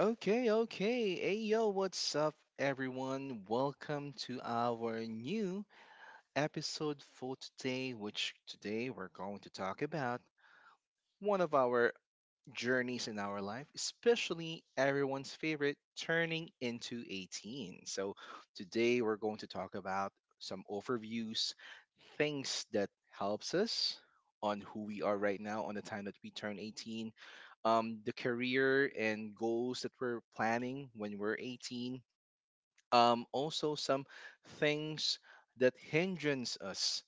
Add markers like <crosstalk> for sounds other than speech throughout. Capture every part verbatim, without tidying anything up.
Okay, okay. Hey, yo, what's up, everyone? Welcome to our new episode for today, which today we're going to talk about one of our journeys in our life, especially everyone's favorite turning into eighteen. So, today we're going to talk about some overviews, things that helps us on who we are right now on the time that we turn eighteen, um, the career and goals that we're planning when we're eighteen, um, also some things that hindrance us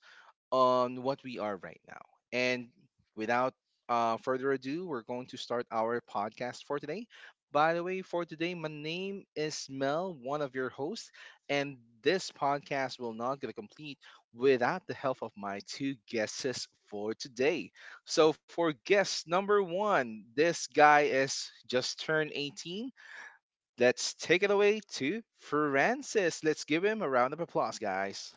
on what we are right now. And without uh, further ado, we're going to start our podcast for today. By the way, for today, my name is Mel, one of your hosts, and this podcast will not get complete without the help of my two guests for today. So, for guest number one, this guy is just turned eighteen. Let's take it away to Francis. Let's give him a round of applause, guys.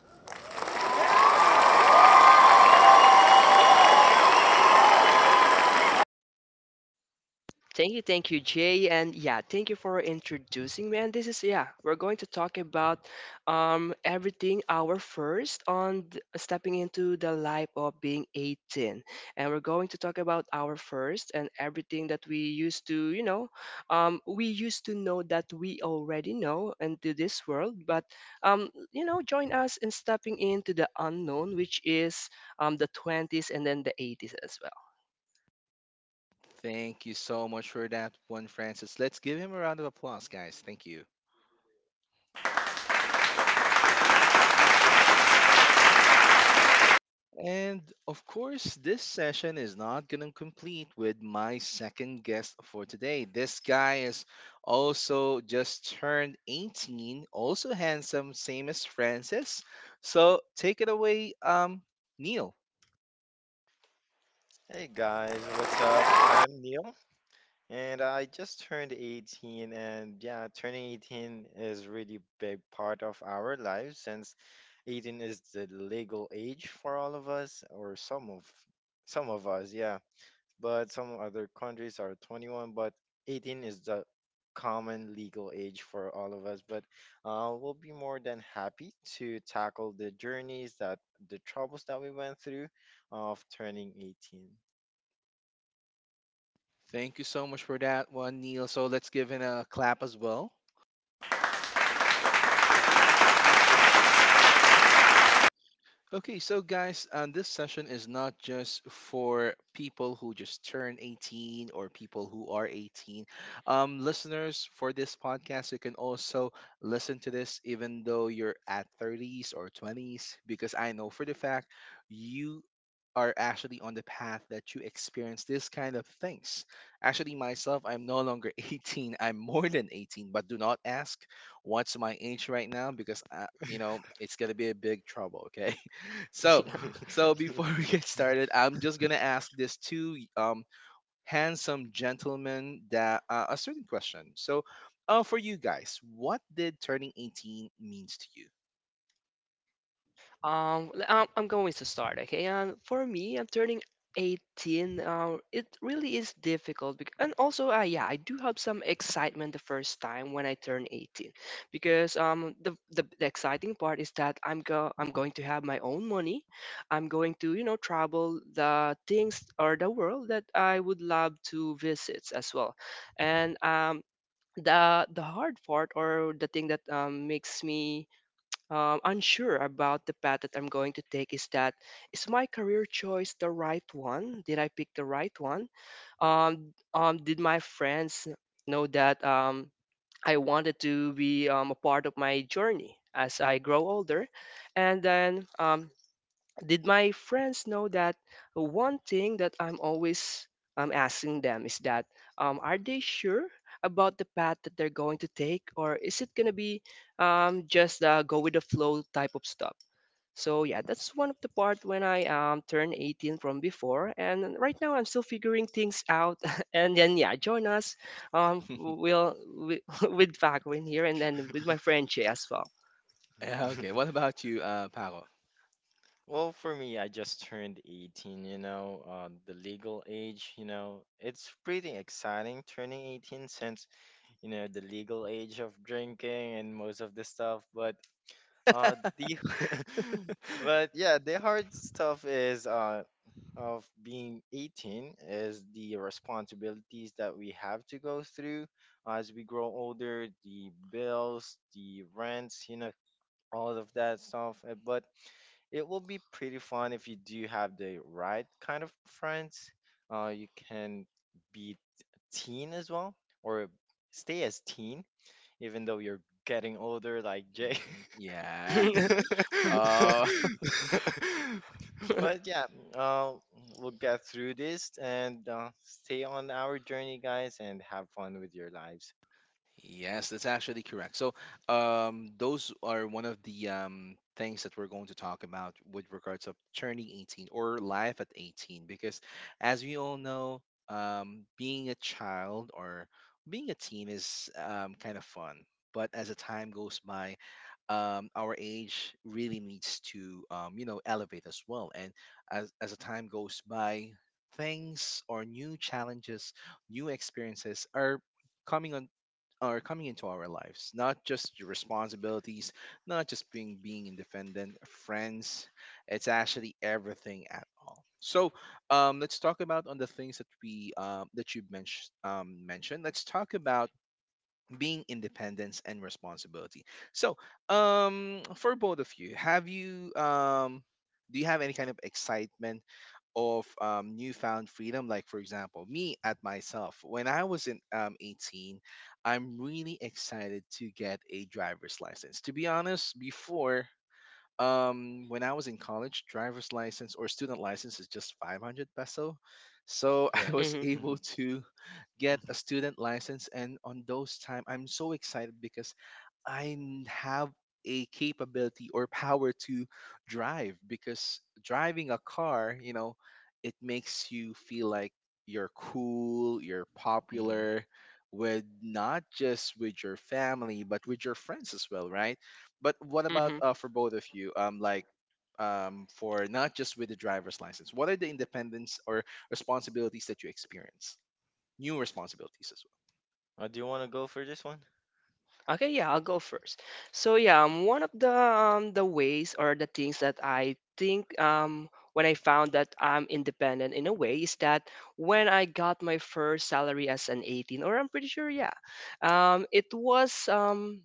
Thank you, thank you, Jay, and yeah, thank you for introducing me. And this is yeah, we're going to talk about um everything our first on th- stepping into the life of being eighteen, and we're going to talk about our first and everything that we used to you know, um we used to know that we already know into this world, but um you know, join us in stepping into the unknown, which is um the twenties and then the eighties as Thank you so much for that one, Francis. Let's give him a round of applause, guys. Thank you. And of course, this session is not going to complete with my second guest for today. This guy is also just turned eighteen, also handsome, same as Francis. So take it away, um, Neil. Thank you so much for that one, Neil. So let's give him a clap as well. Okay, so guys, um, this session is not just for people who just turn eighteen or people who are eighteen. Um, listeners for this podcast, you can also listen to this even though you're at thirties or twenties, because I know for the fact you are actually on the path that you experience this kind of things. Actually, myself, I'm no longer <laughs> eighteen. I'm more than eighteen, but do not ask what's my age right now because, I, you know, it's going to be a big trouble, okay? So, well. <laughs> so before <laughs> we get started, I'm just gonna ask these two um handsome gentlemen that uh, a certain question. So, uh, for you guys, what did turning eighteen means to you? <laughs> Um, l- um, I'm going to start, okay? And for me, I'm turning eighteen. Uh, it really is difficult, bec- and also, uh, yeah, I do have some excitement the first time when I turn eighteen, because um, the, the the exciting part is that I'm go I'm going to have my own money. I'm going to, you know, travel the things or the world that I would love to visit as well, and um. The, the hard part or the thing that um, makes me um, unsure about the path that I'm going to take is, that is my career choice the right one? Did I pick the right one? Um, um, did my friends know that um, I wanted to be um, a part of my journey as I grow older? And then um, did my friends know that one thing that I'm always um, asking them is that um, are they sure about the path that they're going to take, or is it going to be um, just uh, go with the flow type of stuff? So yeah, that's one of the part when I um, turned eighteen from before, and right now I'm still figuring things out. <laughs> and then yeah, join us, um, will with, <laughs> with Paquin here, and then with my friend Che as well. Yeah, okay. What about you, uh, Paro? <laughs> Mhm, yeah. <laughs> Oh, <laughs> yes, that's actually correct. So, um, those are one of the um, things that we're going to talk about with regards of turning eighteen or life at eighteen, because as we all know, um, being a child or being a teen is um, kind of fun. But as the time goes by, um, our age really needs to, um, you know, elevate as well, and as, as the time goes by, things or new challenges, new experiences are coming on, are coming into our lives, not just the responsibilities, not just being being independent, friends, it's actually everything at all. So, um, let's talk about on the things that we, um, that you mentioned, um, mentioned. Let's talk about being independence and responsibility. So, um, for both of you, have you, um, do you have any kind of excitement of, um, newfound freedom? Like, for example, me at myself, when I was in, um, eighteen, I'm really excited to get a driver's license. To be honest, before, um, when I was in college, driver's license or student license is just five hundred peso. So <laughs> I was Mm-hmm. able to get a student license, and on those time I'm so excited because I n- have a capability or power to drive, because driving a car, you know, it makes you feel like you're cool, you're popular, with not just with your family but with your friends as well, right? But what about, Mm-hmm. uh, for both of you? Um, like, um, for not just with the driver's license, what are the independence or responsibilities that you experience? New responsibilities Okay, yeah, I'll go first. So yeah, um, one of the um, the ways or the things that I think um when I found that I'm independent in a way is that when I got my first salary as an eighteen, or I'm pretty sure, yeah, um it was um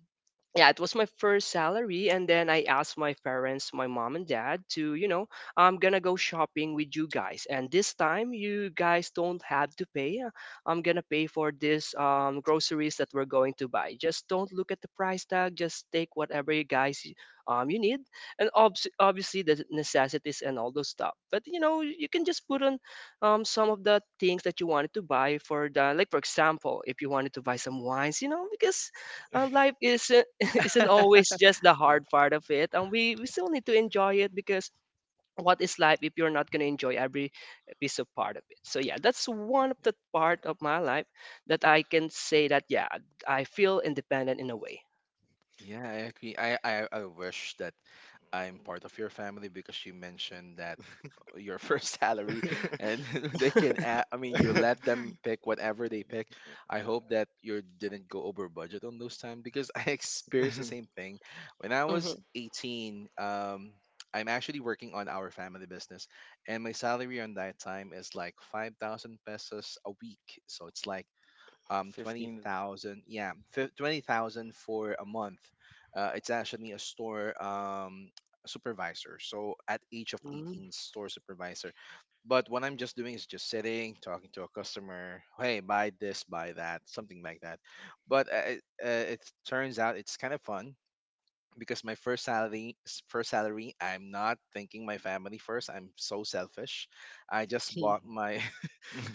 yeah, it was my first salary, and then I asked my parents, my mom and dad, to, you know, I'm gonna go shopping with you guys, and this time you guys don't have to pay. I'm gonna pay for this, um, groceries that we're going to buy. Just don't look at the price tag. Just take whatever you guys um, you need, and obs- obviously the necessities and all those stuff. But you know, you can just put on um, some of the things that you wanted to buy, for the, like, for example, if you wanted to buy some wines, you know, because uh, life isn't <laughs> as isn't always well. <laughs> just the hard part of it, and we we still need to enjoy it, because what is life if you're not going to enjoy every piece of part of it? So yeah, that's one of the part of my life that I can say that, yeah, I feel independent in a way. Yeah, I agree. I, I, I wish that I'm part of your family because you mentioned that your first <laughs> salary, and <laughs> they can add, I mean, you let them pick whatever they pick. I hope that you didn't go over budget on those time because <laughs> I experienced the same thing. When I was Hmm. eighteen, um I'm actually working on our family business, and my salary on that time is like five thousand pesos a week. So it's like, um twenty thousand, yeah, fif- twenty thousand for a month. Uh, it's actually a store um supervisor, so at age of Mm. eighteen, store supervisor, but what I'm just doing is just sitting, talking to a customer, hey, buy this, buy that, something like that. But uh, it, uh, it turns out it's kind of fun, because my first salary, s- first salary I'm not thinking my family first, I'm so selfish. I just Hmm. bought my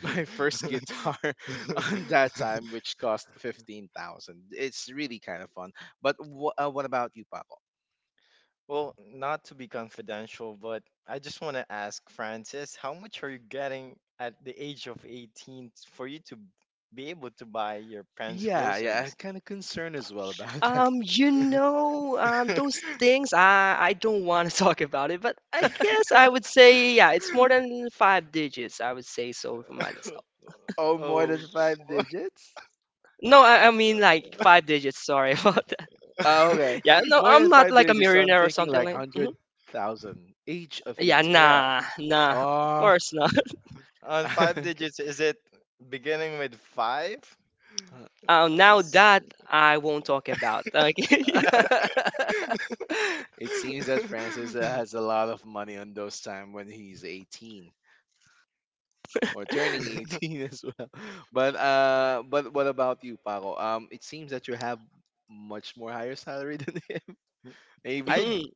my first guitar <laughs> on that time, which cost fifteen thousand. It's really kind of fun. But wh- uh, what about you, Paco? Yeah, yeah, I'm kind of concerned as well about <laughs> that. Um, you know, um, those things I I don't want to <laughs> talk about it, but I guess I would say, yeah, it's more than five digits. I would say so for myself. Oh, more than five digits? No, I, I mean like five digits. Sorry <laughs> about that. Ah, okay. Yeah, no, More than I'm not five like a digits, so I'm millionaire or thinking something like like. Mm-hmm. one hundred thousand. Age of Yeah, eighteen. nah, nah. Of Oh, course not. <laughs> <laughs> okay. Um, now that I won't talk about. Okay. <laughs> Huh. <laughs> It seems that Francis, uh, has a lot of money on those time when he's eighteen, or turning eighteen <laughs> as well. But, uh, but what about you, Paco? Um, it seems that you have much more higher salary <laughs> than him. Maybe. Mm-hmm.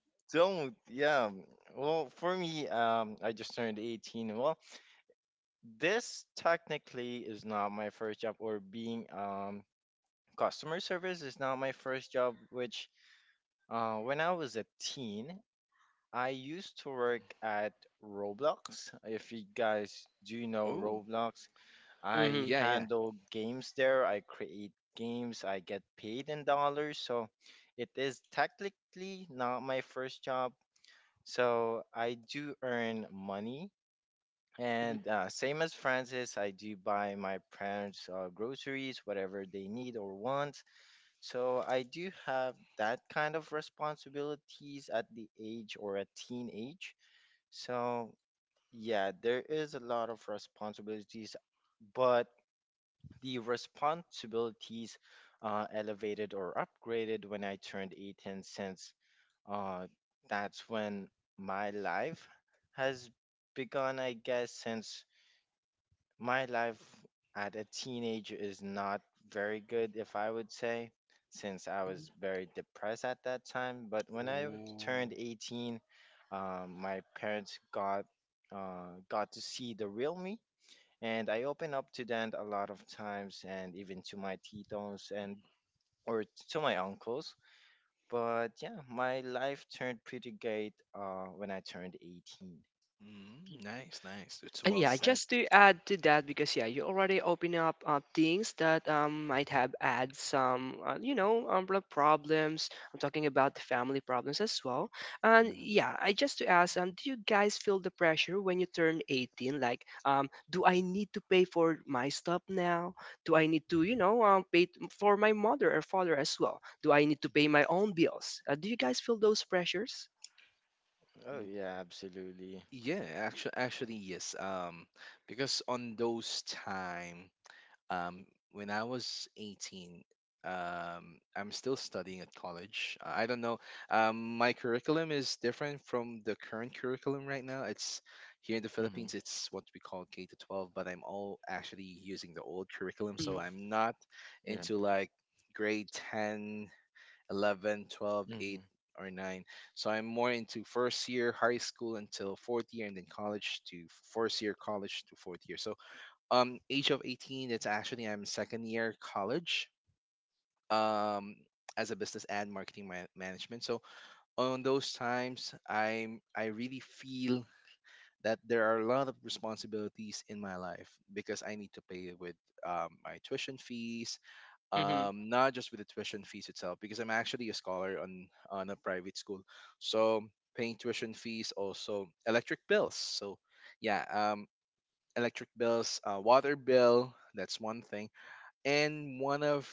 Oh, Mm-hmm, yeah, yeah. mm-hmm. Ooh, mm, nice, nice. It's And well yeah, said. just to add to that, because yeah, you already open up uh, things that um, might have add some, uh, you know, um, pro- problems. I'm talking about the family problems as well. And yeah, I just to ask, um, do you guys feel the pressure when you turn eighteen? Like, um, do I need to pay for my stuff now? Do I need to, you know, um, pay t- for my mother or father as well? Do I need to pay my own bills? Uh, do you guys feel those pressures? W- Yeah, actually, actually, yes. Um, because on those time, Um, when I was eighteen, um, I'm still studying at college. Uh, I don't know. Um, my curriculum is different from the current curriculum right now. It's here in the Philippines. It's what we call K to twelve, but I'm all actually using the old curriculum, so I'm not into, like, grade ten, eleven, twelve, eight or nine. So I'm more into first year high school until fourth year, and then college to first year college to fourth year. So, um age of eighteen, it's actually I'm second year college, um as a business and marketing man- management. So on those times i'm I really feel that there are a lot of responsibilities in my life, because I need to pay with, um, my tuition fees, Mm-hmm. um, not just with the tuition fees itself, because I'm actually a scholar on on a private school. So, paying tuition fees, also electric bills. So yeah, um, electric bills, uh, water bill, that's one thing. And one of,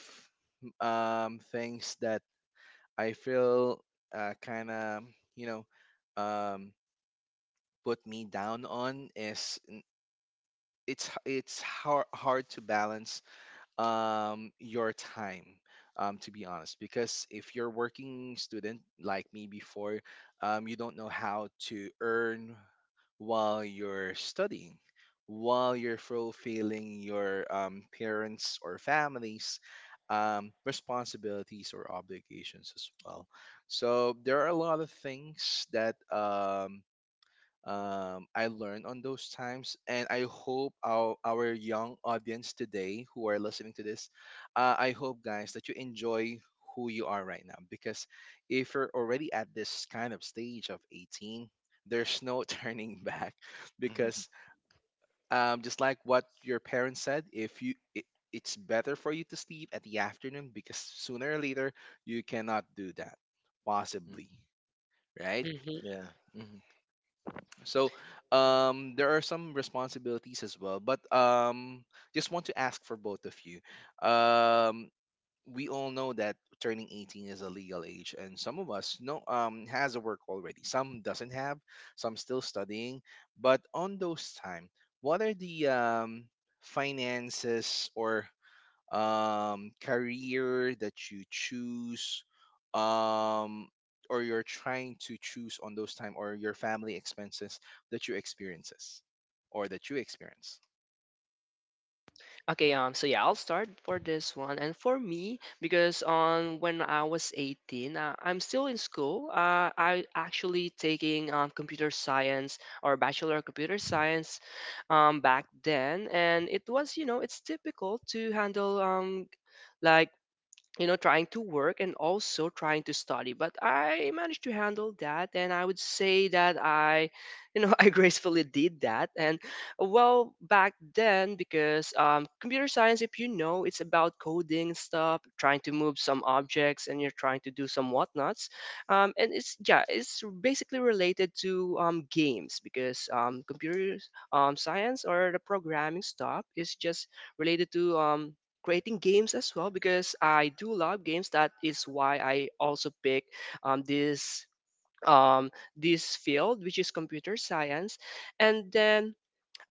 um, things that I feel, uh, kind of, you know, um, put me down on is, n- it's h- it's hard hard to balance um your time, um to be honest, because if you're working student like me before, um you don't know how to earn while you're studying, while you're fulfilling your, um, parents or families, um, responsibilities or obligations as well. So there are a lot of things that, um, um, I learned on those times, and I hope our our young audience today who are listening to this, uh, I hope guys that you enjoy who you are right now, because if you're already at this kind of stage of eighteen, there's no <laughs> turning back, because, um, just like what your parents said, if you it, it's better for you to sleep at the afternoon, because sooner or later you cannot do that possibly, right? So, um, there are some responsibilities as well, but, um, just want to ask for both of you. Um, we all know that turning eighteen is a legal age, and some of us know, um, has a work already. Some doesn't have, some still studying. But on those time, what are the, um, finances or, um, career that you choose, um, or you're trying to choose on those time, or your family expenses that you experiences, or that you experience. Okay, um, so yeah, I'll start for this one. And for me, because on when I was eighteen, uh, I'm still in school. Uh, I actually taking um, computer science or bachelor of computer science um, back then. And it was, you know, it's typical to handle um, like, you know, trying to work and also trying to study, but I managed to handle that, and I would say that I, you know, <laughs> I gracefully did that. And well, back then, because um, computer science, if you know, it's about coding stuff, trying to move some objects, and you're trying to do some whatnots, um, and it's, yeah, it's basically related to um, games, because um, computer um, science or the programming stuff is just related to um, creating games as well, because I do love games. That is why I also pick um, this um this field, which is computer science. and then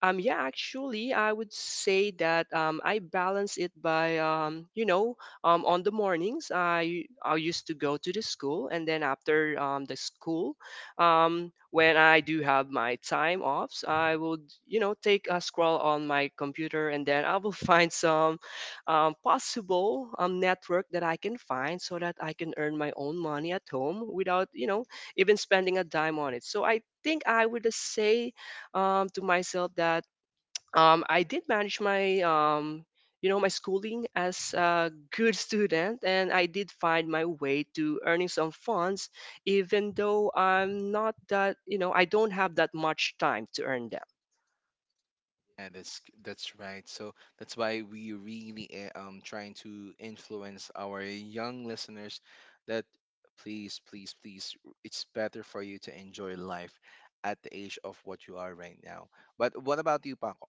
um, yeah, actually, I would say that um, I balance it by, um, you know, um, on the mornings I I used to go to the school, and then after um, the school, um, when I do have my time offs, I would, you know, take a scroll on my computer, and then I will <laughs> find some um, possible um, network that I can find, so that I can earn my own money at home without, you know, even spending a dime on it. So I think I would say um, to myself that um, I did manage my, um, you know, my schooling as a good student, and I did find my way to earning some funds, even though I'm not that, you know, I don't have that much time to earn them. Yeah, that's that's right. So that's why we really, eh, um trying to influence our young listeners that, please, please, please, r- it's better for you to enjoy life at the age of what you are right now. But what about you, Paco?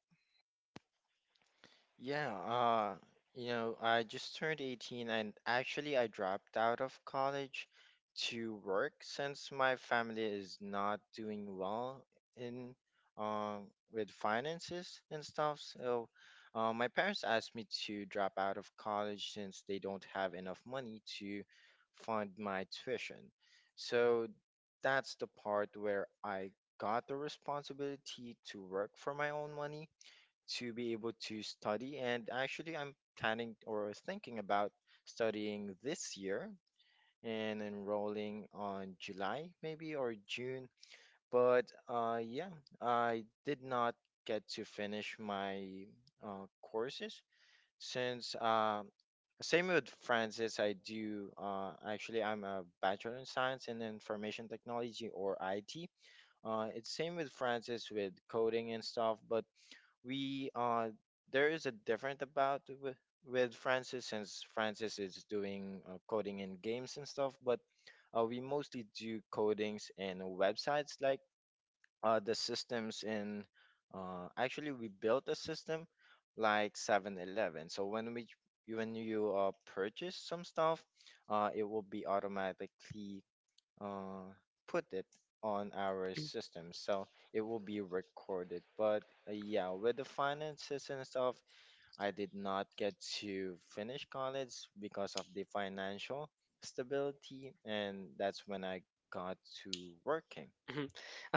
Mhm.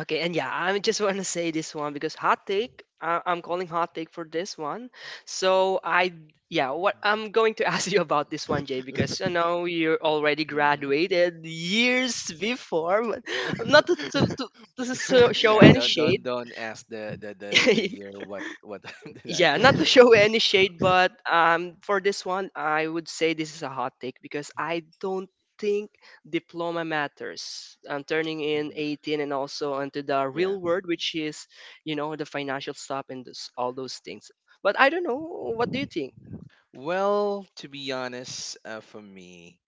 Okay, and yeah, I just want to say this one, because hot take. Uh, I'm calling hot take for this one. So I, yeah, what I'm going to <laughs> ask you about this one, Jay, because you know you already Hmm. graduated years before, but not to to, to, to so- show Yeah, any don't don't shade. don't ask the, the the the <laughs> year, what what <laughs> time did I Yeah, not to <laughs> graduate? show any shade, but um, for this one, I would say this is a hot take, because I don't think diploma matters. Um, turning in eighteen and also onto the real world, which is, you know, the financial stuff and this, all those things. But I don't know. What do you think? Well, to be honest, uh, for me,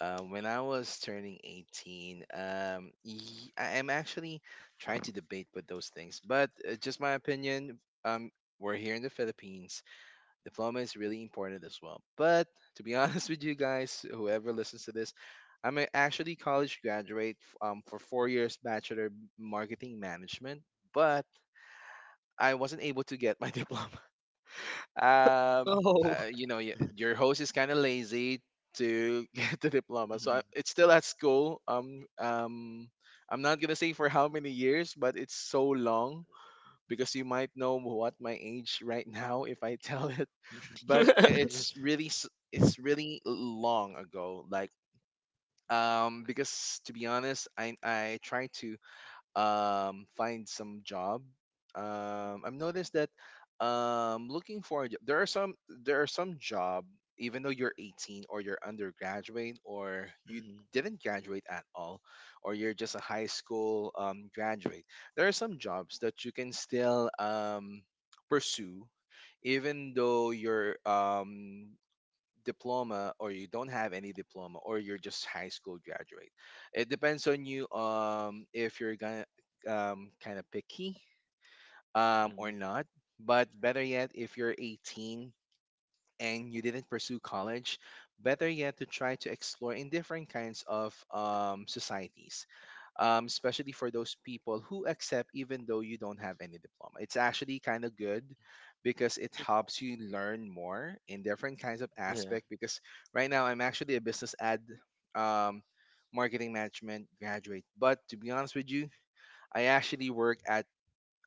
Um, when I was turning eighteen, um, y- I am actually trying to debate with those things, but, uh, just my opinion. Um, we're here in the Philippines. Diploma is really important as well. But, to be <laughs> honest with you guys, whoever listens to this, I'm a actually college graduate, f- um, for four years bachelor marketing management, but I wasn't able to get my <laughs> diploma. um, Oh. uh, you know, y- your host is kind of lazy to <laughs> get the diploma. So I, it's still at school. Um, um, I'm not gonna say for how many years, but it's so long because you might know what my age right now if I <laughs> tell it. But, i- <laughs> it's really, s- it's really long ago. Like, um, because to be honest, I I try to, um, find some job. Um, I've noticed that um, looking for a job, there are some there are some job even though you're eighteen, or you're undergraduate, or you didn't graduate at all, or you're just a high school um, graduate, there are some jobs that you can still um, pursue even though you're um, diploma, or you don't have any diploma, or you're just high school graduate. It depends on you. Um if you're gonna um kind of picky um or not. But better yet, if you're eighteen and you didn't pursue college, better yet to try to explore in different kinds of um, societies, um, especially for those people who accept even though you don't have any diploma. It's actually kind of good because it helps you learn more in different kinds of aspect. Because right now I'm actually a business ad, um, marketing management graduate, but to be honest with you, I actually work at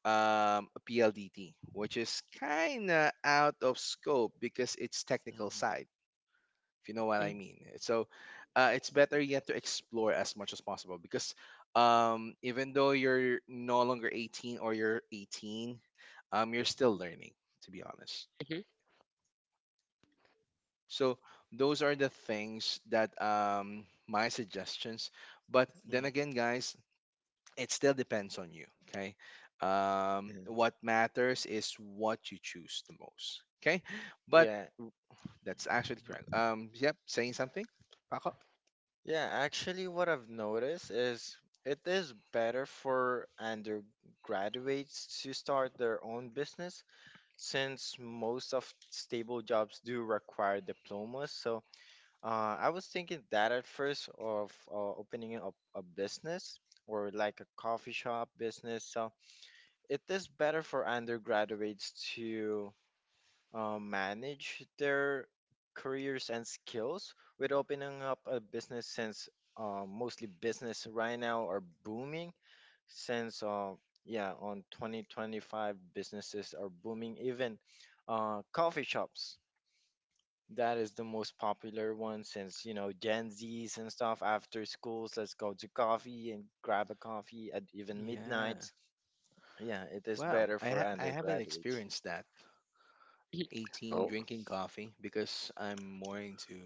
um, a P L D T, which is kind of out of scope because it's technical side, if you know what I Mhm, mean. So uh, it's better yet to explore as much as possible because um, even though you're no longer eighteen, or you're eighteen, um, you're still learning, to be honest. mhm, So those are the things that, um, my suggestions. But then again, guys, it still depends on you, okay? Um what matters is what you choose the most, okay? But w- that's actually correct. Um yep. Saying something, Paco? Yeah. Wow, i ha- i haven't experienced that eighteen mhm. drinking coffee, because I'm more into,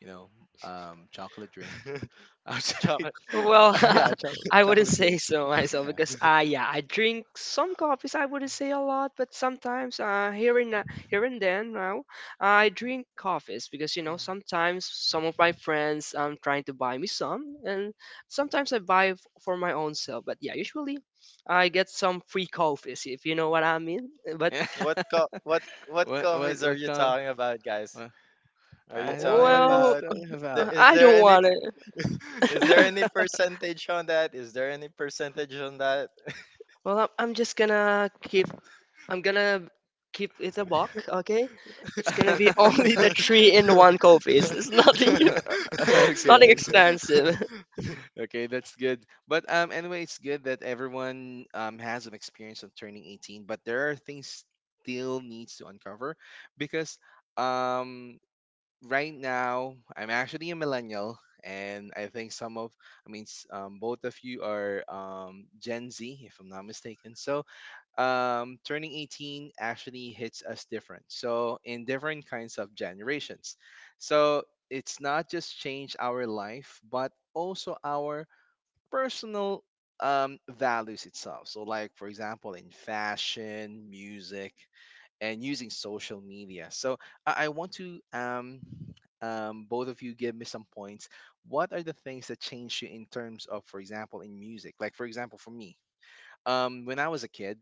you know, um chocolate drink. <laughs> Outside. Well, <laughs> Yeah, <laughs> chocolate I wouldn't chocolate say drink. so myself, Yeah. because uh yeah, I drink some coffees. I wouldn't say a lot, but sometimes uh here and uh, here and then now I drink coffees, because you know Um, sometimes some of my friends um trying to buy me some, and sometimes I buy f- for my own self. But yeah, usually I get some free coffees, if you know what I mean. eh, <laughs> But yeah, what what what kind of, I don't know what it well, is talking uh, about. I don't want it. <laughs> <laughs> Well, I'm I'm just gonna keep, I'm gonna keep it a buck, okay? It's gonna be <laughs> only the three <laughs> in one coffees. It's nothing. <laughs> It's Okay, nothing okay, expensive. <laughs> okay. That's good. But um, anyway, it's good that everyone um has an experience of turning eighteen. But there are things still needs to uncover because um right now I'm actually a millennial, and I think some of, I mean s- um both of you are um Gen Z, if I'm not mistaken. So um, turning eighteen actually hits us different. So, in different kinds of generations. So, it's not just changed our life, but also our personal um, values itself. So, like, for example, in fashion, music, and using social media. So, I, I want to. Um, um, both of you give me some points. What are the things that changed you in terms of, for example, in music? Like, for example, for me, um, when I was a kid,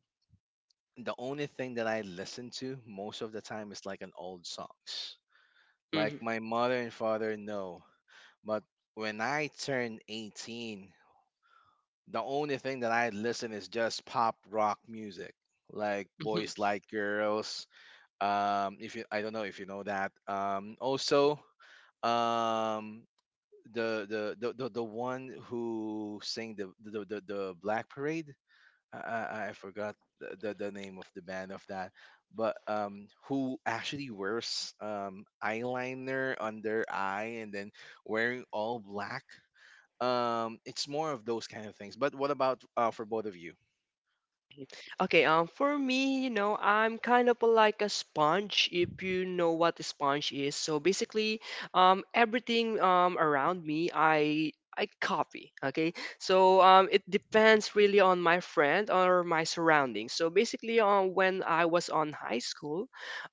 the only thing that I listen to most of the time is like an old songs. Like Mhm, my mother and father know. But when I turn eighteen, the only thing that I listen is just pop rock music, like Boys mhm. Like Girls. Um, if you, I don't know if you know that. Um, also, um, the, the the the the one who sang the the the, the Black Parade. I I I forgot the, the the name of the band of that, but um, who actually wears um eyeliner on their eye, and then wearing all black. Um, it's more of those kind of things. But what about uh for both of you? Okay, um, for me, you know, I'm kind of like a sponge, if you know what a sponge is. So basically, um, everything um around me, I I copy. Okay, so um, it depends really on my friend or my surroundings. So basically, um, when I was on high school,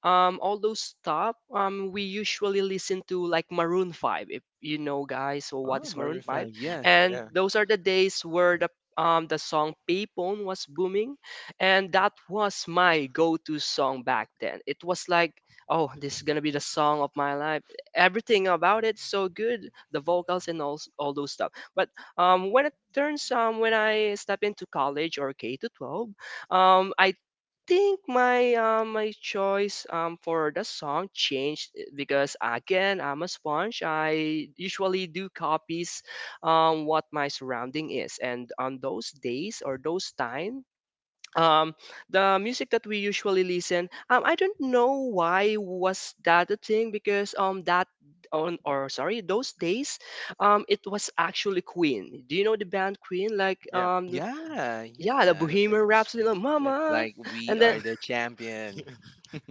um, all those stuff, um, we usually listen to like Maroon Five, if you know, guys. So what Oh, is Maroon Maroon Five? Five, yeah, And those are the days where the, um, the song Payphone was booming, and that was my go-to song back then. It was like, oh, this is gonna be the song of my life. Everything about it's so good, the vocals and all, all those stuff. But um, when it turns um, when I step into college or K to twelve, um, I think my, uh, my choice um, for the song changed, eh, because again, I'm a sponge. I usually do copies um, what my surrounding is, and on those days or those time, um the music that we usually listen, um I don't know why was that a thing, because um that on or sorry, those days, um it was actually Queen. Do you know the band Queen? Like, um yeah, yeah, the yeah. Bohemian Rhapsody, like, mama. Like we And then are the champion.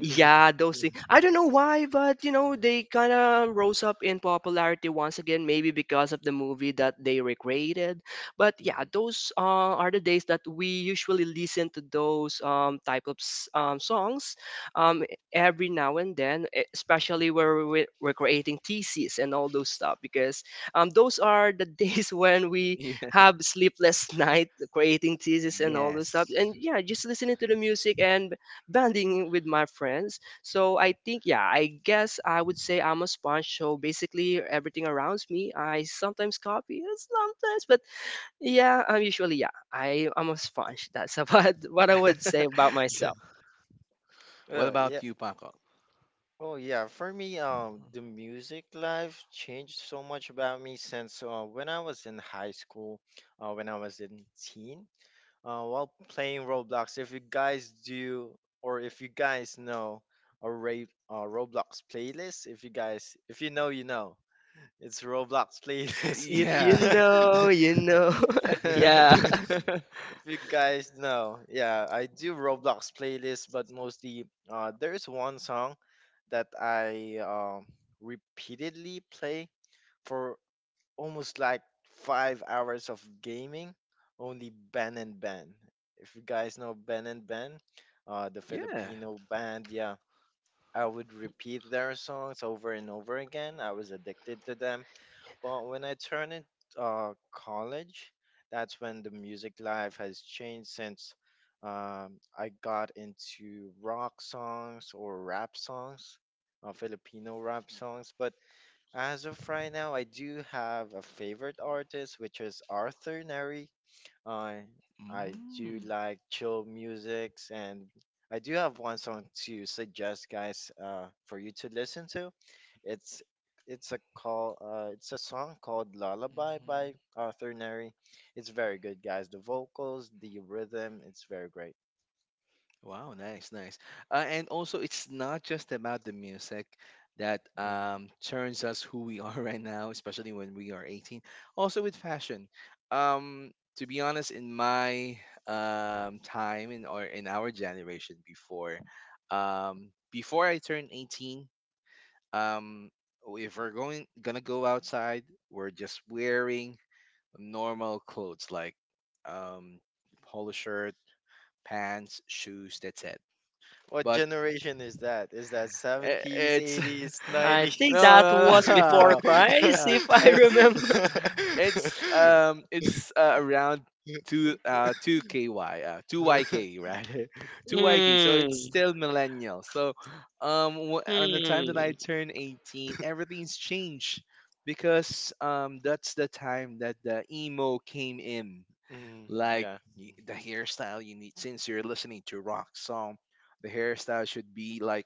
yeah, those things. I don't know why, but you know, they kind of rose up in popularity once again, maybe because of the movie that they recreated. But yeah, those uh, are the days that we usually listen to those um, type of s- um, songs um, e, every now and then, e- especially where we- we're creating theses and all those stuff, because um, those are the <laughs> days when <laughs> we Yeah. have sleepless <laughs> night creating theses and all those stuff. Yes. And yeah, just listening to the music and bonding with my friends. So I think, yeah, I guess I would say I'm a sponge. So basically, everything around me, I sometimes copy, uh, sometimes, but yeah, I'm usually yeah, I I'm a sponge. That's about <laughs> what I would say <laughs> about myself. What about you, Paco? If you Yeah. know, you know. <laughs> yeah, <laughs> <laughs> Yeah. Mm. Mhm. Wow, nice, nice. Uh, and also, it's not just about the music that um, turns us who we <laughs> are right now, especially when we are eighteen. Also, with fashion. Um, to be honest, in my um, time in, or in our generation before, um, before I turned eighteen, um, if we're going gonna go outside, we're just wearing normal clothes, like um polo shirt, pants, shoes, that's it. But i- it's I <laughs> think no, that no, was before no. <laughs> Christ, Uh, if I <laughs> it's remember. it's um it's uh, around two uh two ky uh two YK, right? <laughs> Two YK, so it's Hmm. still millennial. So um w- on the time that I Hmm. turned eighteen, everything's changed, because um that's the time that the emo came in. Like, y- the hairstyle you need, since you're listening to rock song, the hairstyle should be like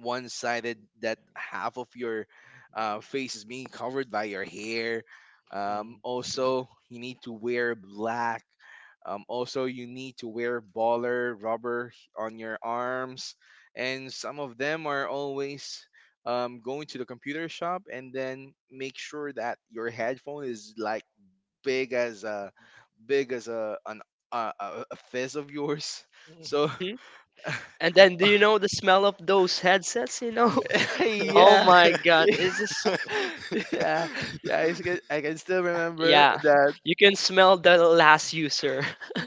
one sided, that half of your uh, face is being covered by your hair. um, also you need to wear black. um, also you need to wear baller rubber on your arms. And some of them are always um, going to the computer shop, and then make sure that your headphone is like big as a big as a an a, a a fist of yours. <laughs> So Hmm. And then, do you know the smell of those headsets? You know, <laughs> <laughs> oh yeah, my God, it's just <laughs> yeah, yeah. I can, I can still remember yeah, that. <laughs> you can smell the last user.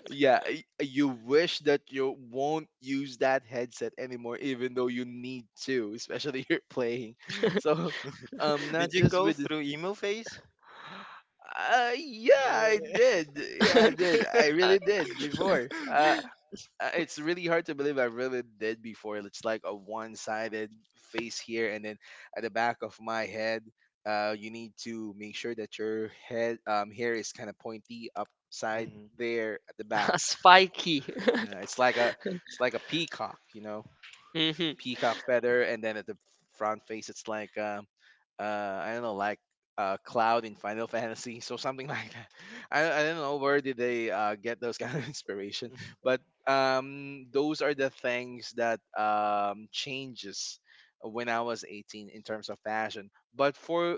Yeah, y- you wish that you won't use that headset anymore, even though you need to, especially <laughs> you're playing. So, um, not just with. Uh, yeah, I did. Yeah, I did. <laughs> I really Uh, did before. Uh, uh, it's really hard to believe I really did before. It's like a one-sided face here, and then at the back of my head, uh, you need to make sure that your head um hair is kind of pointy upside there at the back. <laughs> spiky. Uh, it's like a, it's like a peacock, you know, <laughs> Mhm. peacock feather. And then at the front face, it's like um uh I don't know, like uh Cloud in Final <laughs> Fantasy, so something like that. <laughs> I I don't know where did they uh get those kind of <laughs> inspiration, but um those are the things that um changes when I was eighteen in terms of fashion. But for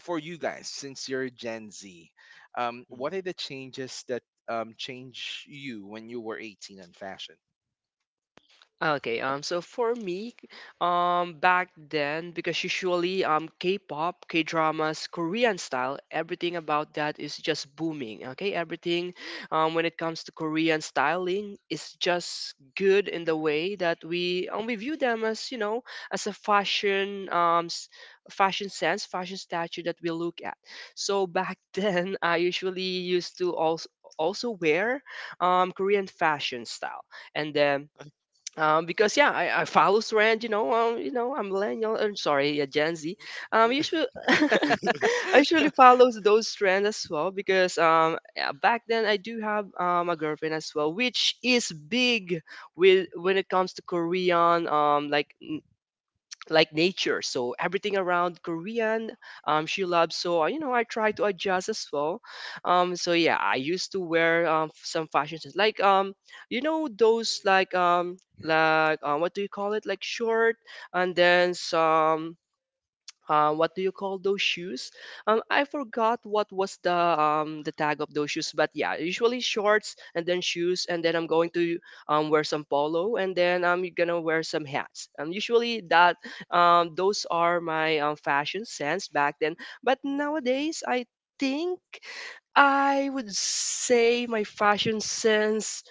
for you guys, since you're Gen Z, um, what are the changes that um change you when you were eighteen in fashion? Okay, um, so for me, um, back then, because usually, um, K-pop, K-dramas, Korean style, everything about that is just booming. Okay, everything, um, when it comes to Korean styling, is just good in the way that we um, we view them as you know as a fashion, um, s- fashion sense, fashion statue that we look at. So back <laughs> then, I usually used to also also wear um, Korean fashion style, and then um, because yeah, I, I follow trend, you know, um, you know, I'm millennial, I'm sorry, yeah, Gen Z. Um, usually, <laughs> I usually <laughs> follow those trends as well because um, yeah, back then I do have um, a girlfriend as well, which is big with when it comes to Korean um like like nature, so everything around Korean, um, she loves. So uh, you know, I try to adjust as well. um, so yeah, I used to wear um, some fashions like um, you know those like um, like uh, what do you call it, like short, and then some, um, what do you call those shoes? Um, I forgot what was the um, the tag of those shoes, but yeah, usually shorts and then shoes, and then I'm going to um, wear some polo, and then I'm gonna wear some hats. Um, usually that, um, those are my um, fashion sense back then, but nowadays I think I would say my fashion sense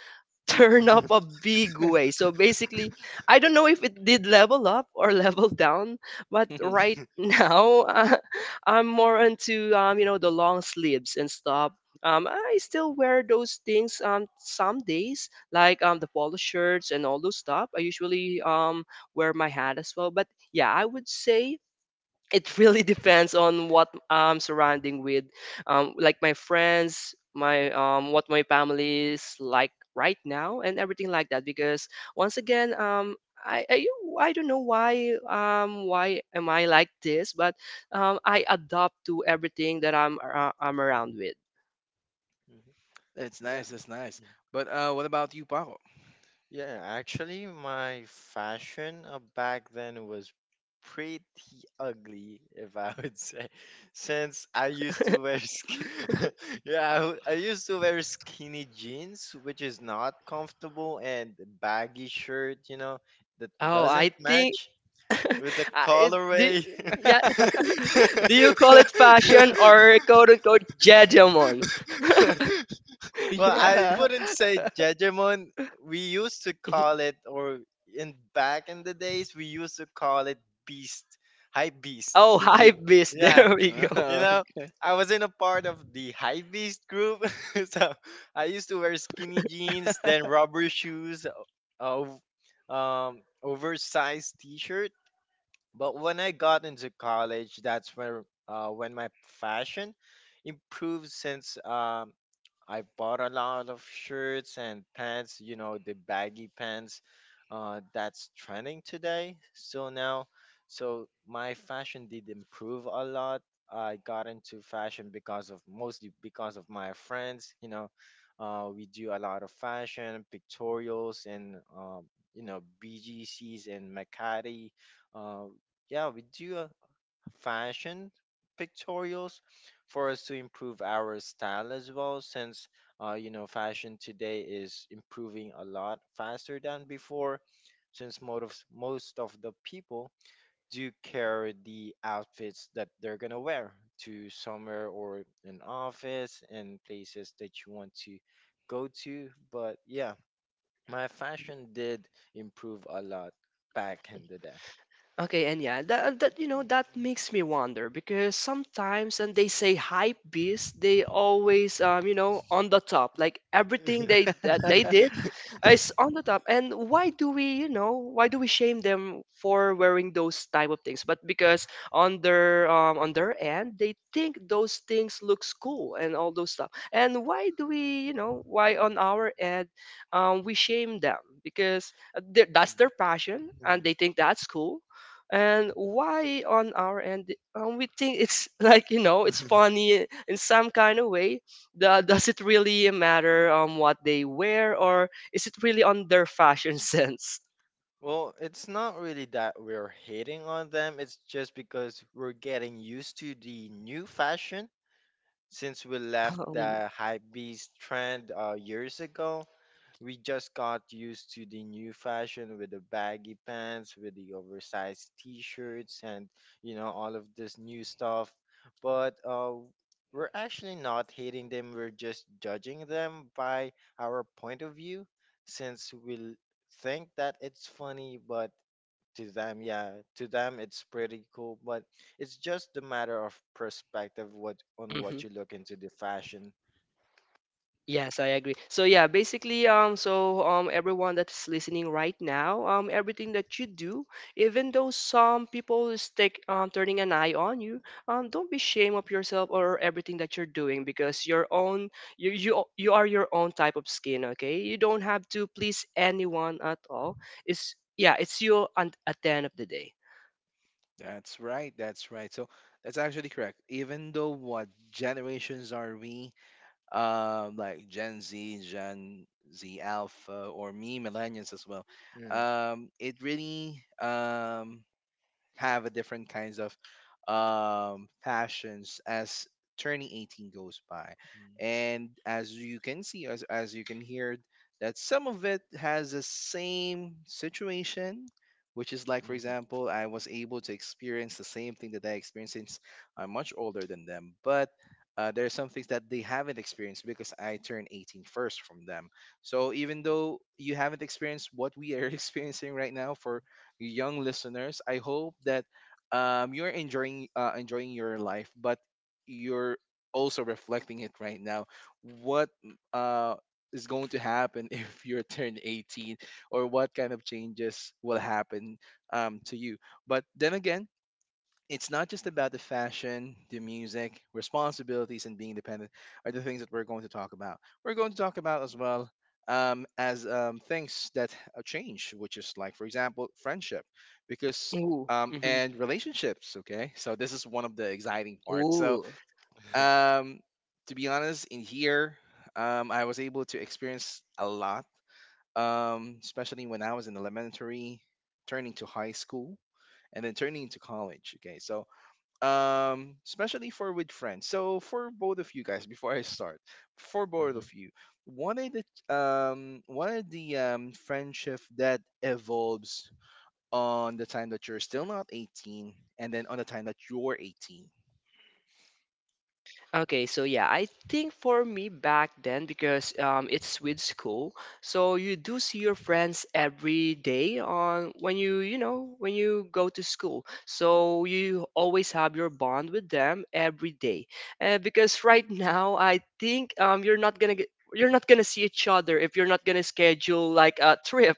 turn up a big way. So basically, I don't know if it did level up or <laughs> level down, but right now <laughs> uh, I'm more into um, you know, the long sleeves and stuff. Um, I still wear those things um, some days, like um, the polo shirts and all those stuff. I usually um, wear my hat as well. But yeah, I would say it really <laughs> depends on what I'm surrounding with, um, like my friends, my um, what my family is like right now, and everything like that. Because once again, um, I, I I don't know why um why am I like this, but um, I adopt to everything that I'm ar- uh, I'm around with. It's nice, it's nice. But uh, what about you, Paco? Oh, I think. <laughs> I- it, do, yeah, <laughs> <laughs> do you call it <laughs> fashion or quote unquote judgment? <laughs> Yeah. <laughs> Oh, hype beast. <laughs> There we go. Okay. Okay, and yeah, that uh, that you know that makes me wonder because sometimes and they say hype beast, they always um you know on the top, like everything they that they did is on the top. And why do we you know why do we shame them for wearing those type of things? But because on their um on their end they think those things looks cool and all those stuff. And why do we you know why on our end um we shame them because uh, they're- that's their passion and they think that's cool. And why on our end um, we think it's <laughs> like you know it's funny in some kind of way, the, does it really matter um, what they wear, or is it really on their fashion <laughs> sense? um, mhm. Yes, I agree. So yeah, basically, um, so um, everyone that's listening right now, um, everything that you do, even though some people is take um, turning an eye on you, um, don't be ashamed of yourself or everything that you're doing because your own, you you you are your own type of skin. Okay, you don't have to please anyone at all. It's yeah, it's you and at the end of the day. That's right. That's right. So that's actually correct. Even though what generations are we, um, like Gen Z, Gen Z Alpha, or me, millennials as well, um, it really um have a different kinds of um fashions as turning eighteen goes by. And as you can see, as, as you can hear that some of it has the same situation, which is, like, for example, I was able to experience the same thing that I experienced, since I'm much older than them. But uh, there are some things that they haven't experienced, because I turned eighteen first from them. So even though you haven't experienced what we are <laughs> experiencing right now, for young listeners, I hope that um, you're enjoying, uh, enjoying your life, but you're also reflecting it right now. What uh, is going to happen <laughs> if you're turned eighteen, or what kind of changes will happen um, to you? But then again, it's not just about the fashion, the music. Responsibilities and being independent are the things that we're going to talk about. We're going to talk about as well um, as um, things that uh, change, which is, like, for example, friendship, because Ooh. Um, hmm. and relationships. Okay, so this is one of the exciting parts. So, Ooh. um, to be honest, in here, um, I was able to experience a lot, um, especially when I was in elementary, turning to high school, and then turning to college. Okay, so um especially for with friends. So for both of you guys, before I start, for both of you, what are the um what are the um friendship that evolves on the time that you're still not eighteen, and then on the time that you're eighteen. Okay, so yeah, I think for me back then because um, it's with school, so you do see your friends every day on when you you know when you go to school, so you always have your bond with them every day. Uh, because right <laughs> now, I think um, you're not gonna get. You're not gonna see each other if you're not gonna schedule like a trip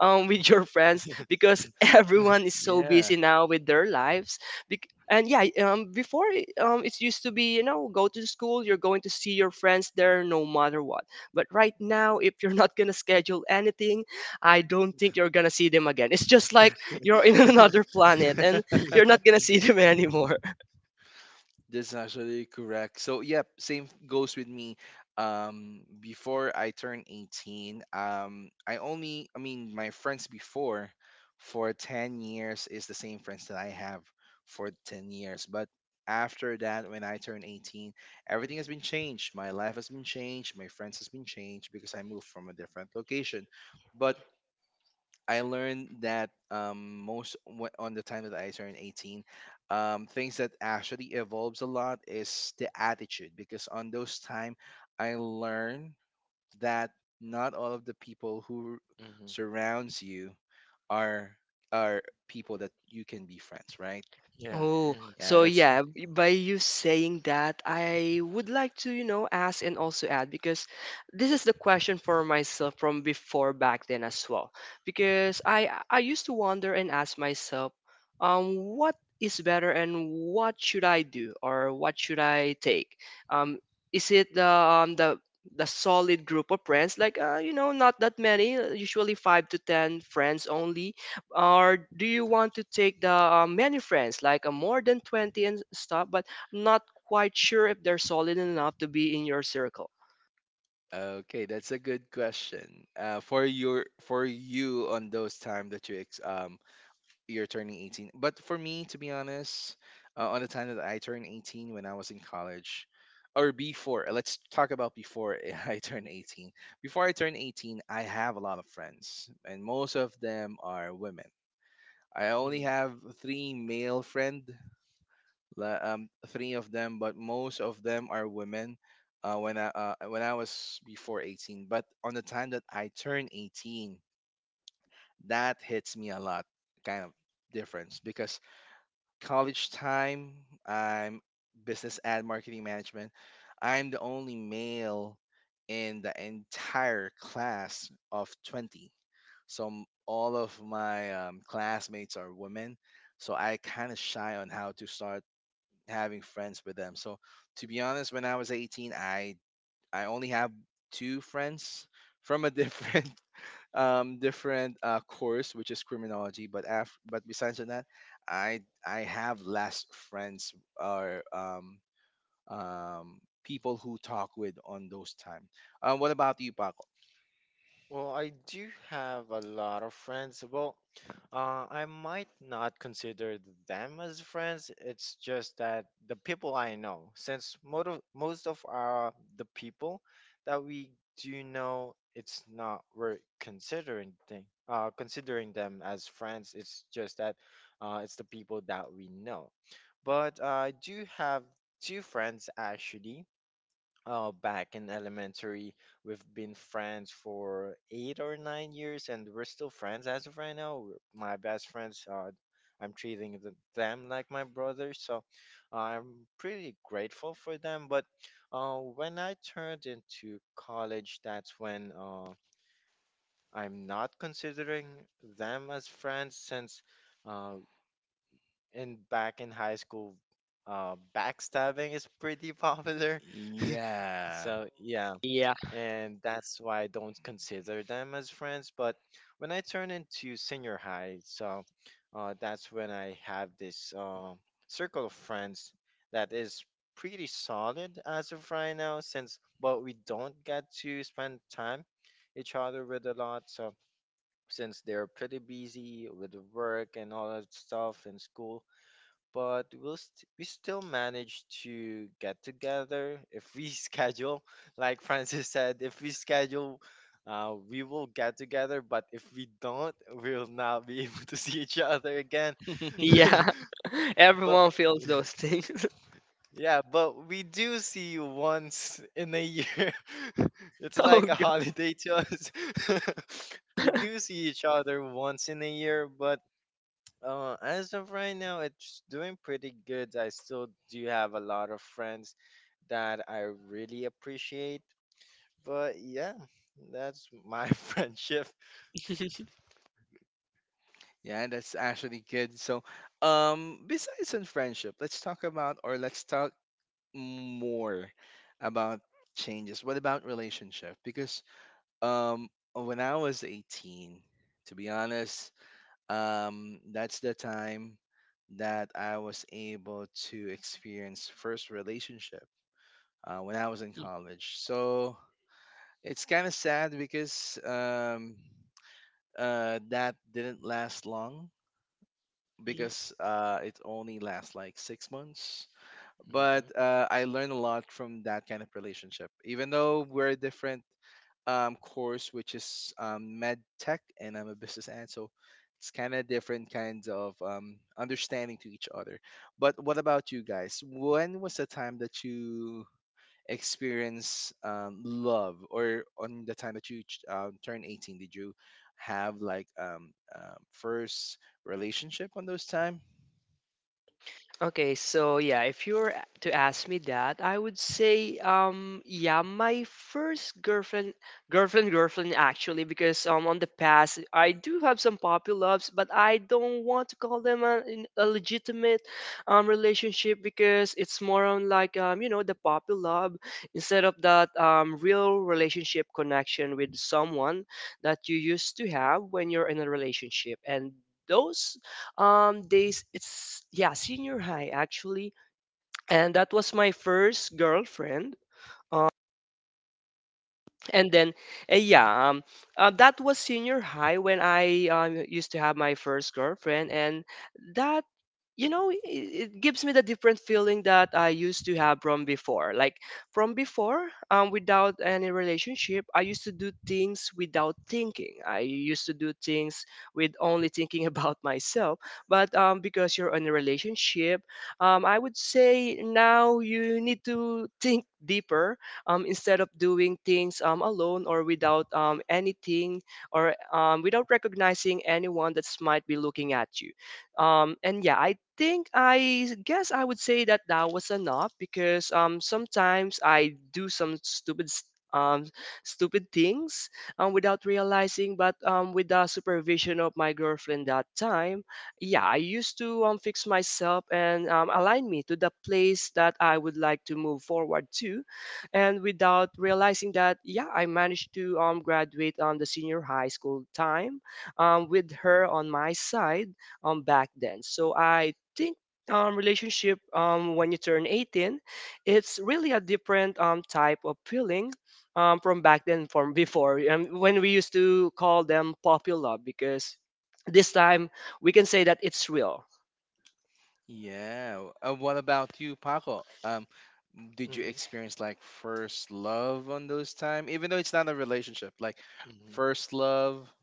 um, <laughs> with your friends because <laughs> everyone is so Yeah. busy now with their lives. Bec- and yeah, um, before it- um, it's used to be you know go to school, you're going to see your friends there no matter what. But right now, if you're not gonna schedule anything, I don't think you're gonna see them again. It's just like you're in <laughs> another planet and you're not gonna see <laughs> them <laughs> anymore. That's actually correct. So, yep, same goes with me. Um, before I turned eighteen, um, I only, I mean, my friends before for ten years is the same friends that I have for ten years. But after that, when I turned eighteen, everything has been changed. My life has been changed. My friends has been changed, because I moved from a different location. But I learned that, um, most wh- on the time that I turned eighteen, um, things that actually evolves a lot is the attitude, because on those time I learned that not all of the people who surrounds you are are people that you can be friends, right? Oh, Yeah, so that's yeah, b- by you saying that, I would like to, you know, ask and also add because this is the question for myself from before back then as well. Because I I used to wonder and ask myself, um, what is better and what should I do or what should I take? Um, is it the um, the the solid group of friends like uh, you know not that many uh, usually five to ten friends only, or do you want to take the uh, many friends like uh, more than twenty and stuff, but not quite sure if they're solid enough to be in your circle? okay. That's a good question. Uh, for your for you on those time that you ex- um you're turning eighteen. But for me, to be honest, uh, on the time that I turned eighteen when I was in college, or before, let's talk about before <laughs> I turned eighteen. Before I turned eighteen, I have a lot of friends, and most of them are women. I only have three male friend, la- um, three of them, but most of them are women. Uh, when I uh, when I was before eighteen, but on the time that I turned eighteen, that hits me a lot, kind of difference. Because college time, I'm business ad marketing management. I'm the only male in the entire class of twenty. So m- all of my um, classmates are women. So I kind of shy on how to start having friends with them. So to be honest, when I was eighteen, I I only have two friends from a <laughs> different um, different uh, course, which is criminology. But af- but besides of that, I I have less friends or um, um, people who talk with on those time. Uh, what about you, Paco? Yeah, Yeah. <laughs> <laughs> yeah. <laughs> everyone feels those things. <laughs> oh God. yeah, that's actually good. So, um, besides in friendship, let's talk about or let's talk more about changes. What about relationship? Because Um, when I was eighteen, to be honest, um, that's the time that I was able to experience first relationship uh, when I was in college. So it's kind of sad because um, uh, that didn't last long because <laughs> uh, it only lasts like six months. But uh, I learned a lot from that kind of relationship. Even though we're different um, course, which is um, med tech, and I'm a business ad. So it's kind of different kinds of um, understanding to each other. But what about you guys? When was the time that you experience um, love, or on the time that you ch- um, turned eighteen, did you have like um, um, first relationship on those time? Okay, so yeah, if you were to ask me that, I would say, um, yeah, my first girlfriend, girlfriend, girlfriend, actually, because um, on the past, I do have some poppy loves, but I don't want to call them a, in- a legitimate um relationship because it's more on like um, you know, the poppy love instead of that um real relationship connection with someone that you used to have when you're in a relationship, and those um, days it's yeah, senior high actually, and that was my first girlfriend. um, and then uh, yeah um uh, that was senior high when I um, used to have my first girlfriend, and that, you know, it, it gives me the different feeling that I used to have from before, like from before, um, without any relationship I used to do things without thinking, I used to do things with only thinking <laughs> about myself, but um, because you're in a relationship, um, I would say now you need to think deeper, um, instead of doing things um, alone or without um, anything, or um, without recognizing anyone that might be looking at you. Um, and yeah, I think I guess I would say that that was enough because um, sometimes I do some stupid s- um, stupid things um, without realizing, but um, with the supervision of my girlfriend that time, yeah, I used to um, fix myself and um, align me to the place that I would like to move forward to, and without realizing that yeah, I managed to um, graduate on the senior high school time um, with her on my side um, back then. So I think um, relationship um, when you turn eighteen, it's really a different um, type of feeling um, from back then, from <laughs> before, um, when we used to call them popular, because this time we can say that it's real. Yeah. Uh, what about you, Paco? Um, did you experience like first love on those time? Even though it's not a relationship, like first love,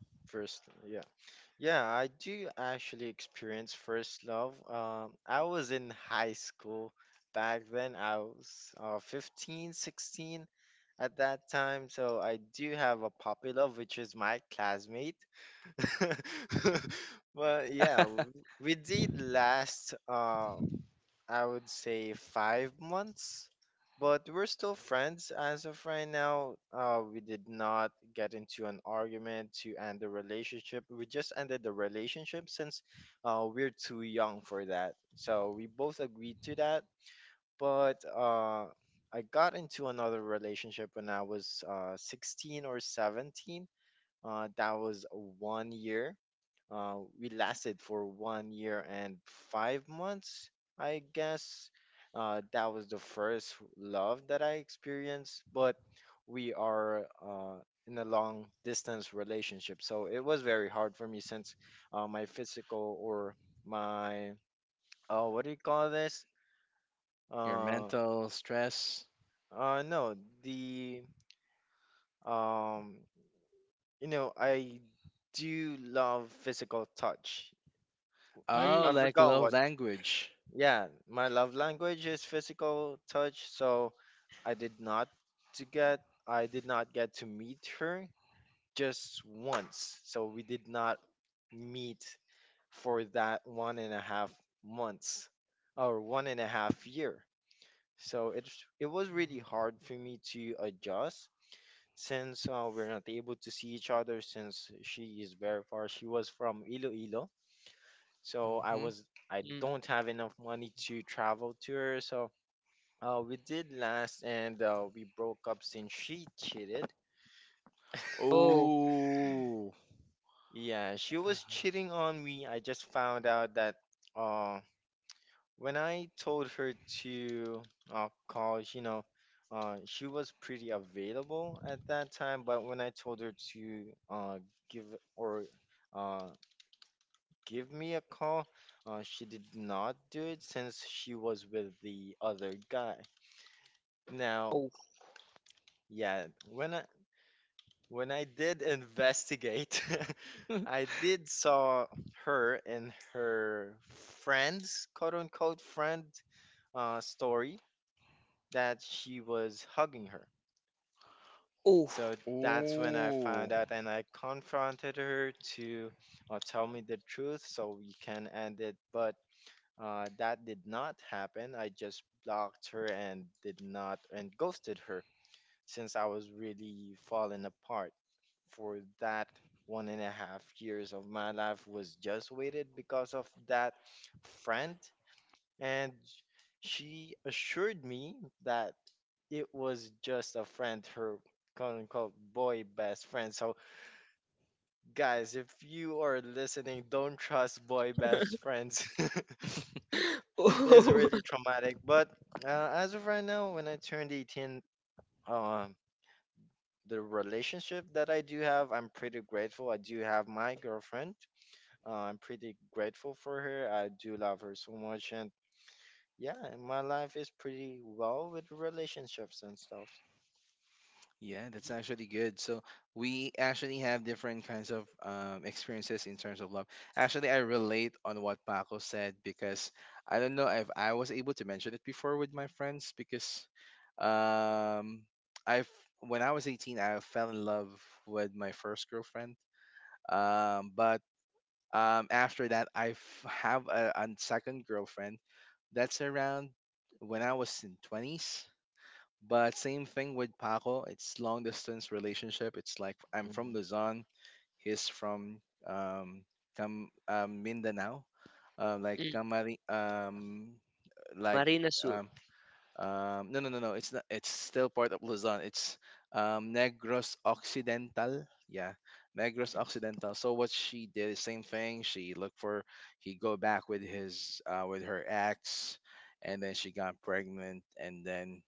your mental stress. Oh, Mm, like love language. Mm-hmm. mm. Oh. Oh. Oh, <laughs> oh. Oh. <laughs> Yeah, that's actually good. So we actually have different kinds of um, experiences in terms of love. Actually, I relate on what Paco said because I don't know if I was able to mention it before with my friends because um, I've when I was eighteen, I fell in love with my first girlfriend. Um, but um, after that, I f- have a, a second girlfriend. That's around when I was in twenties. But same thing with Paco. It's long distance relationship. It's like I'm from Luzon, he's from um Cam um, Mindanao, uh, like mm. Camari um like Marina Sur. um um no, no, no, no, it's not, it's still part of Luzon. It's um Negros Occidental. Yeah, Negros Occidental. So what she did is same thing. She looked for he go back with his uh with her ex, and then she got pregnant, and then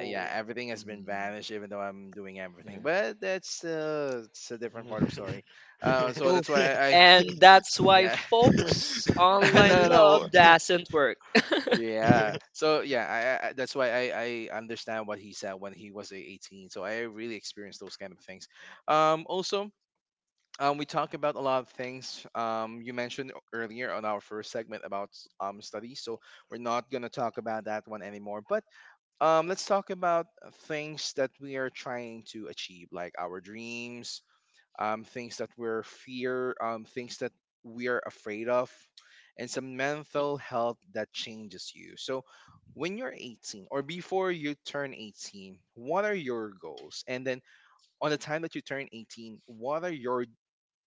uh, yeah, everything has been vanished, even though I'm doing everything. But that's uh, it's a different part of story. Uh, so oof. that's why I, I And that's why, yeah, folks, <laughs> online no, no, no, love doesn't work. yeah. So yeah, I, I I- that's why I I understand what he said when he was uh, eighteen. So I really experienced those kind of things. Um, also. Um, we talk about a lot of things. Um, you mentioned earlier on our first segment about um studies, so we're not gonna talk about that one anymore. But Um, let's talk about things that we are trying to achieve, like our dreams, um, things that we're fear, um, things that we are afraid of, and some mental health that changes you. So, when you're eighteen or before you turn eighteen, what are your goals? And then on the time that you turn eighteen, what are your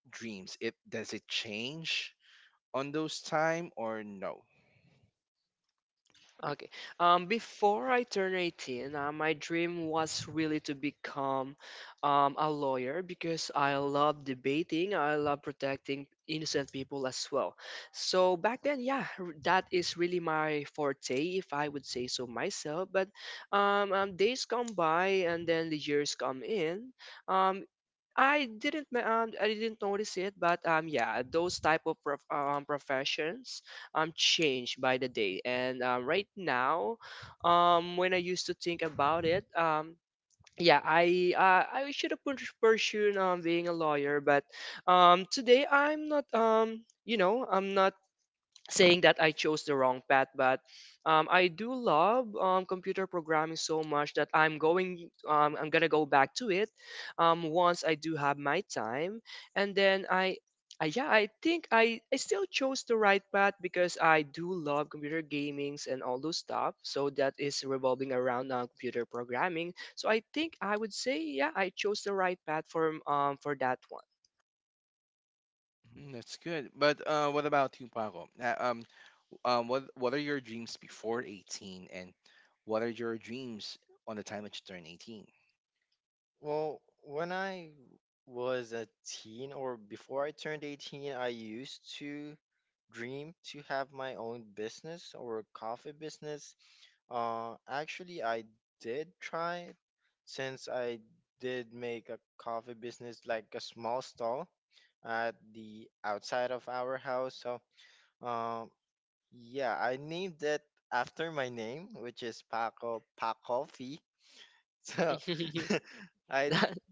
dreams? It does it change on those time or no? Okay. Um, before I turned eighteen, uh, my dream was really to become um, a lawyer because I love debating, I love protecting innocent people as well. So back then, yeah, r- that is really my forte, if I would say so myself. But um, um, days come by and then the years come in. Um, I didn't ma- um, I didn't notice it, but um yeah, those type of prof- um, professions um change by the day. And um, right now, um when I used to think about it, um yeah, I uh, I should have pur- pursued um being a lawyer, but um today I'm not um you know I'm not saying that I chose the wrong path, but um, I do love um, computer programming so much that I'm going, um, I'm gonna go back to it um, once I do have my time, and then I. I yeah, I think I, I still chose the right path because I do love computer gamings and all those stuff. So that is revolving around uh, computer programming. So I think I would say yeah, I chose the right path for um for that one. Mhm, that's good. But uh, what about you, Paco? Uh, um, um what what are your dreams before eighteen, and what are your dreams on the time that you turn eighteen? <laughs>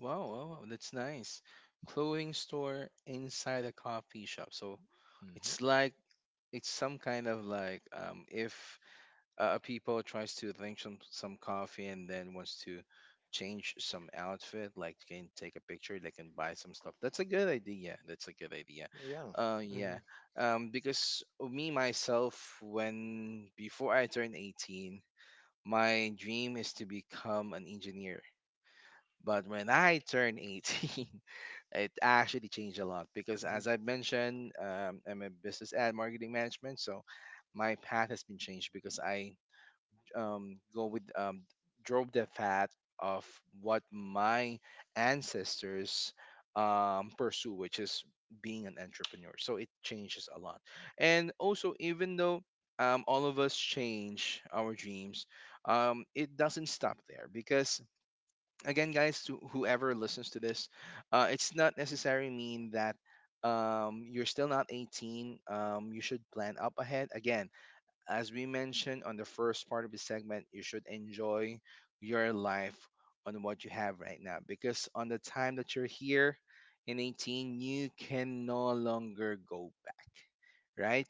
Wow, wow, wow, that's nice. Clothing store inside a coffee shop, so it's like it's some kind of like um if, uh, people tries to drink some some coffee and then wants to change some outfit, like can take a picture, they can buy some stuff. That's a good idea, that's a good idea, uh yeah. Um because me myself, when before I turned eighteen, my dream is to become an engineer. But when I turned eighteen, <laughs> it actually changed a lot because, as I mentioned, um, I'm a business ad marketing management, so my path has been changed because I um, go with um, drove the path of what my ancestors um, pursue, which is being an entrepreneur. So it changes a lot. And also, even though um, all of us change our dreams, um, it doesn't stop there because, again, guys, to whoever listens to this, uh, it's not necessarily mean that um, you're still not eighteen. Um, you should plan up ahead. Again, as we mentioned on the first part of the segment, you should enjoy your life on what you have right now because on the time that you're here in eighteen, you can no longer go back, right?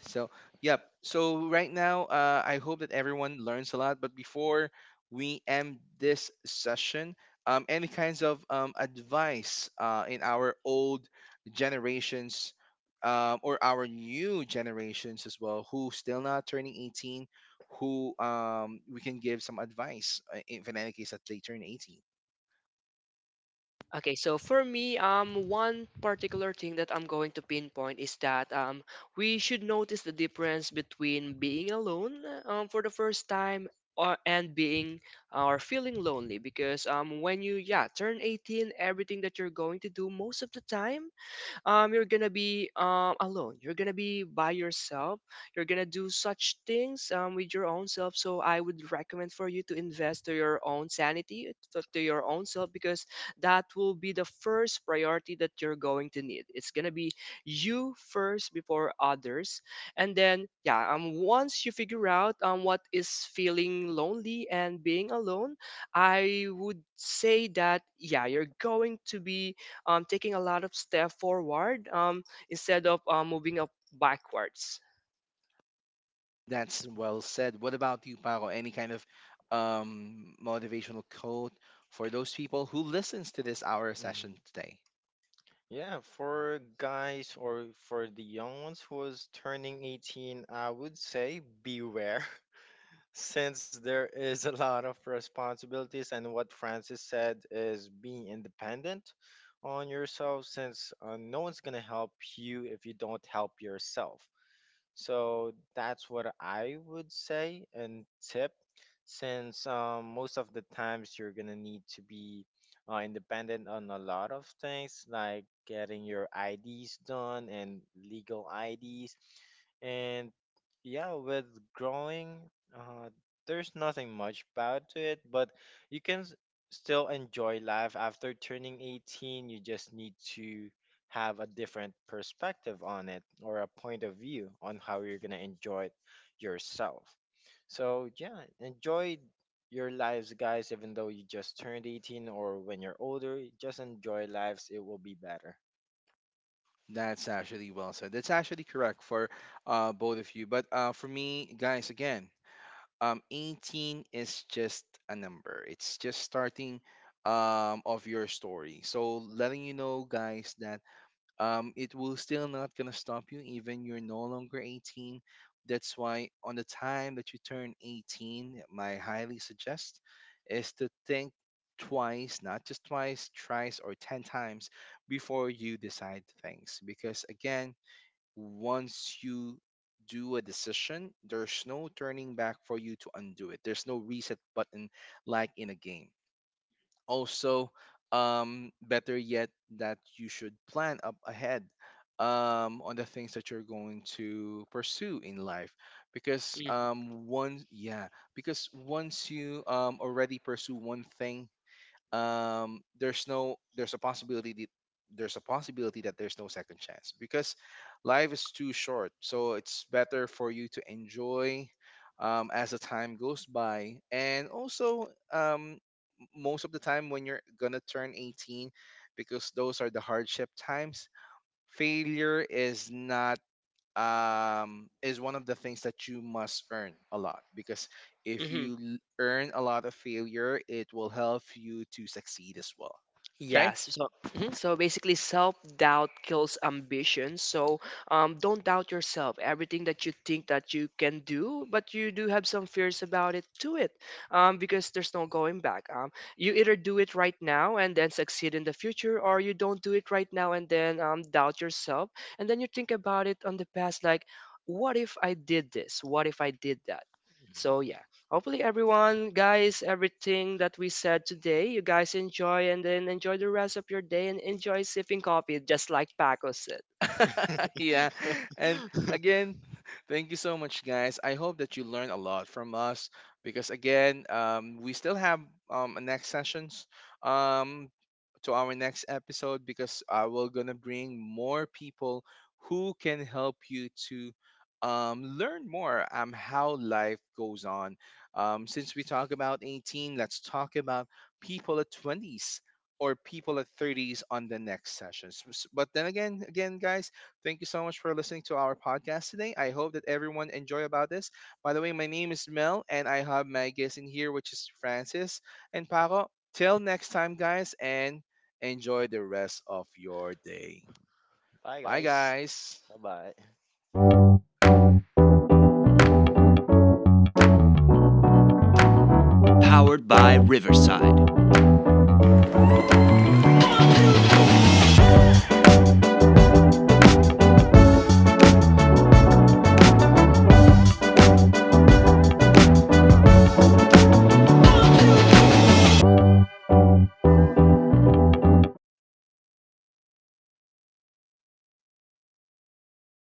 So, yep. So right now, uh, I hope that everyone learns a lot. But before we end this session, um, any kinds of um, advice uh, in our old generations, um, or our new generations as well, who still not turning eighteen, who um, we can give some advice uh, if in any case that they turn eighteen. Okay, so for me, um, one particular thing that I'm going to pinpoint is that um, we should notice the difference between being alone um, for the first time or and being or feeling lonely, because um, when you yeah turn eighteen, everything that you're going to do most of the time um, you're gonna be um, alone. You're gonna be by yourself. You're gonna do such things um, with your own self. So I would recommend for you to invest to your own sanity, to, to your own self, because that will be the first priority that you're going to need. It's gonna be you first before others, and then yeah, um, once you figure out um, what is feeling lonely and being alone, I would say that yeah, you're going to be um, taking a lot of step forward um, instead of uh, moving up backwards. That's well said. What about you, Paco? Any kind of um, motivational quote for those people who listens to this hour session today? That's actually well said. That's actually correct for uh, both of you. But uh, for me, guys, again, um, eighteen is just a number. It's just starting um, of your story. So letting you know, guys, that um, it will still not gonna stop you even you're no longer eighteen. That's why on the time that you turn eighteen, my highly suggest is to think twice, not just twice, thrice, or ten times before you decide things because, again, once you do a decision, there's no turning back for you to undo it. There's no reset button, like in a game. Also, um better yet, that you should plan up ahead um on the things that you're going to pursue in life because Mm. um once yeah because once you um already pursue one thing, um there's no there's a possibility that there's a possibility that there's no second chance because life is too short, so it's better for you to enjoy um, as the time goes by. And also, um, m- most of the time when you're gonna turn eighteen, because those are the hardship times, failure is not um, is one of the things that you must earn a lot because if Hmm. you l- earn a lot of failure, it will help you to succeed as well. Okay? Yes. So, mhm. So basically, self doubt kills ambition. So, um, don't doubt yourself. Everything that you think that you can do, but you do have some fears about it, do it, um, because there's no going back. Um, you either do it right now and then succeed in the future, or you don't do it right now and then um, doubt yourself, and then you think about it on the past, like, what if I did this? What if I did that? So yeah. Hopefully, everyone, guys, everything that we said today, you guys enjoy and then enjoy the rest of your day and enjoy sipping coffee just like Paco said. <laughs> Yeah. And again, <laughs> thank you so much, guys. I hope that you learned a lot from us because, again, um, we still have um, next sessions. Um, to our next episode because I will gonna bring more people who can help you to um, learn more um, how life goes on. Um, since we talk about eighteen, let's talk about people at twenties or people at thirties on the next sessions. S- But then again, again, guys, thank you so much for listening to our podcast today. I hope that everyone enjoy about this. By the way, my name is Mel, and I have my guest in here, which is Francis and Paco. Till next time, guys, and enjoy the rest of your day. Bye, guys.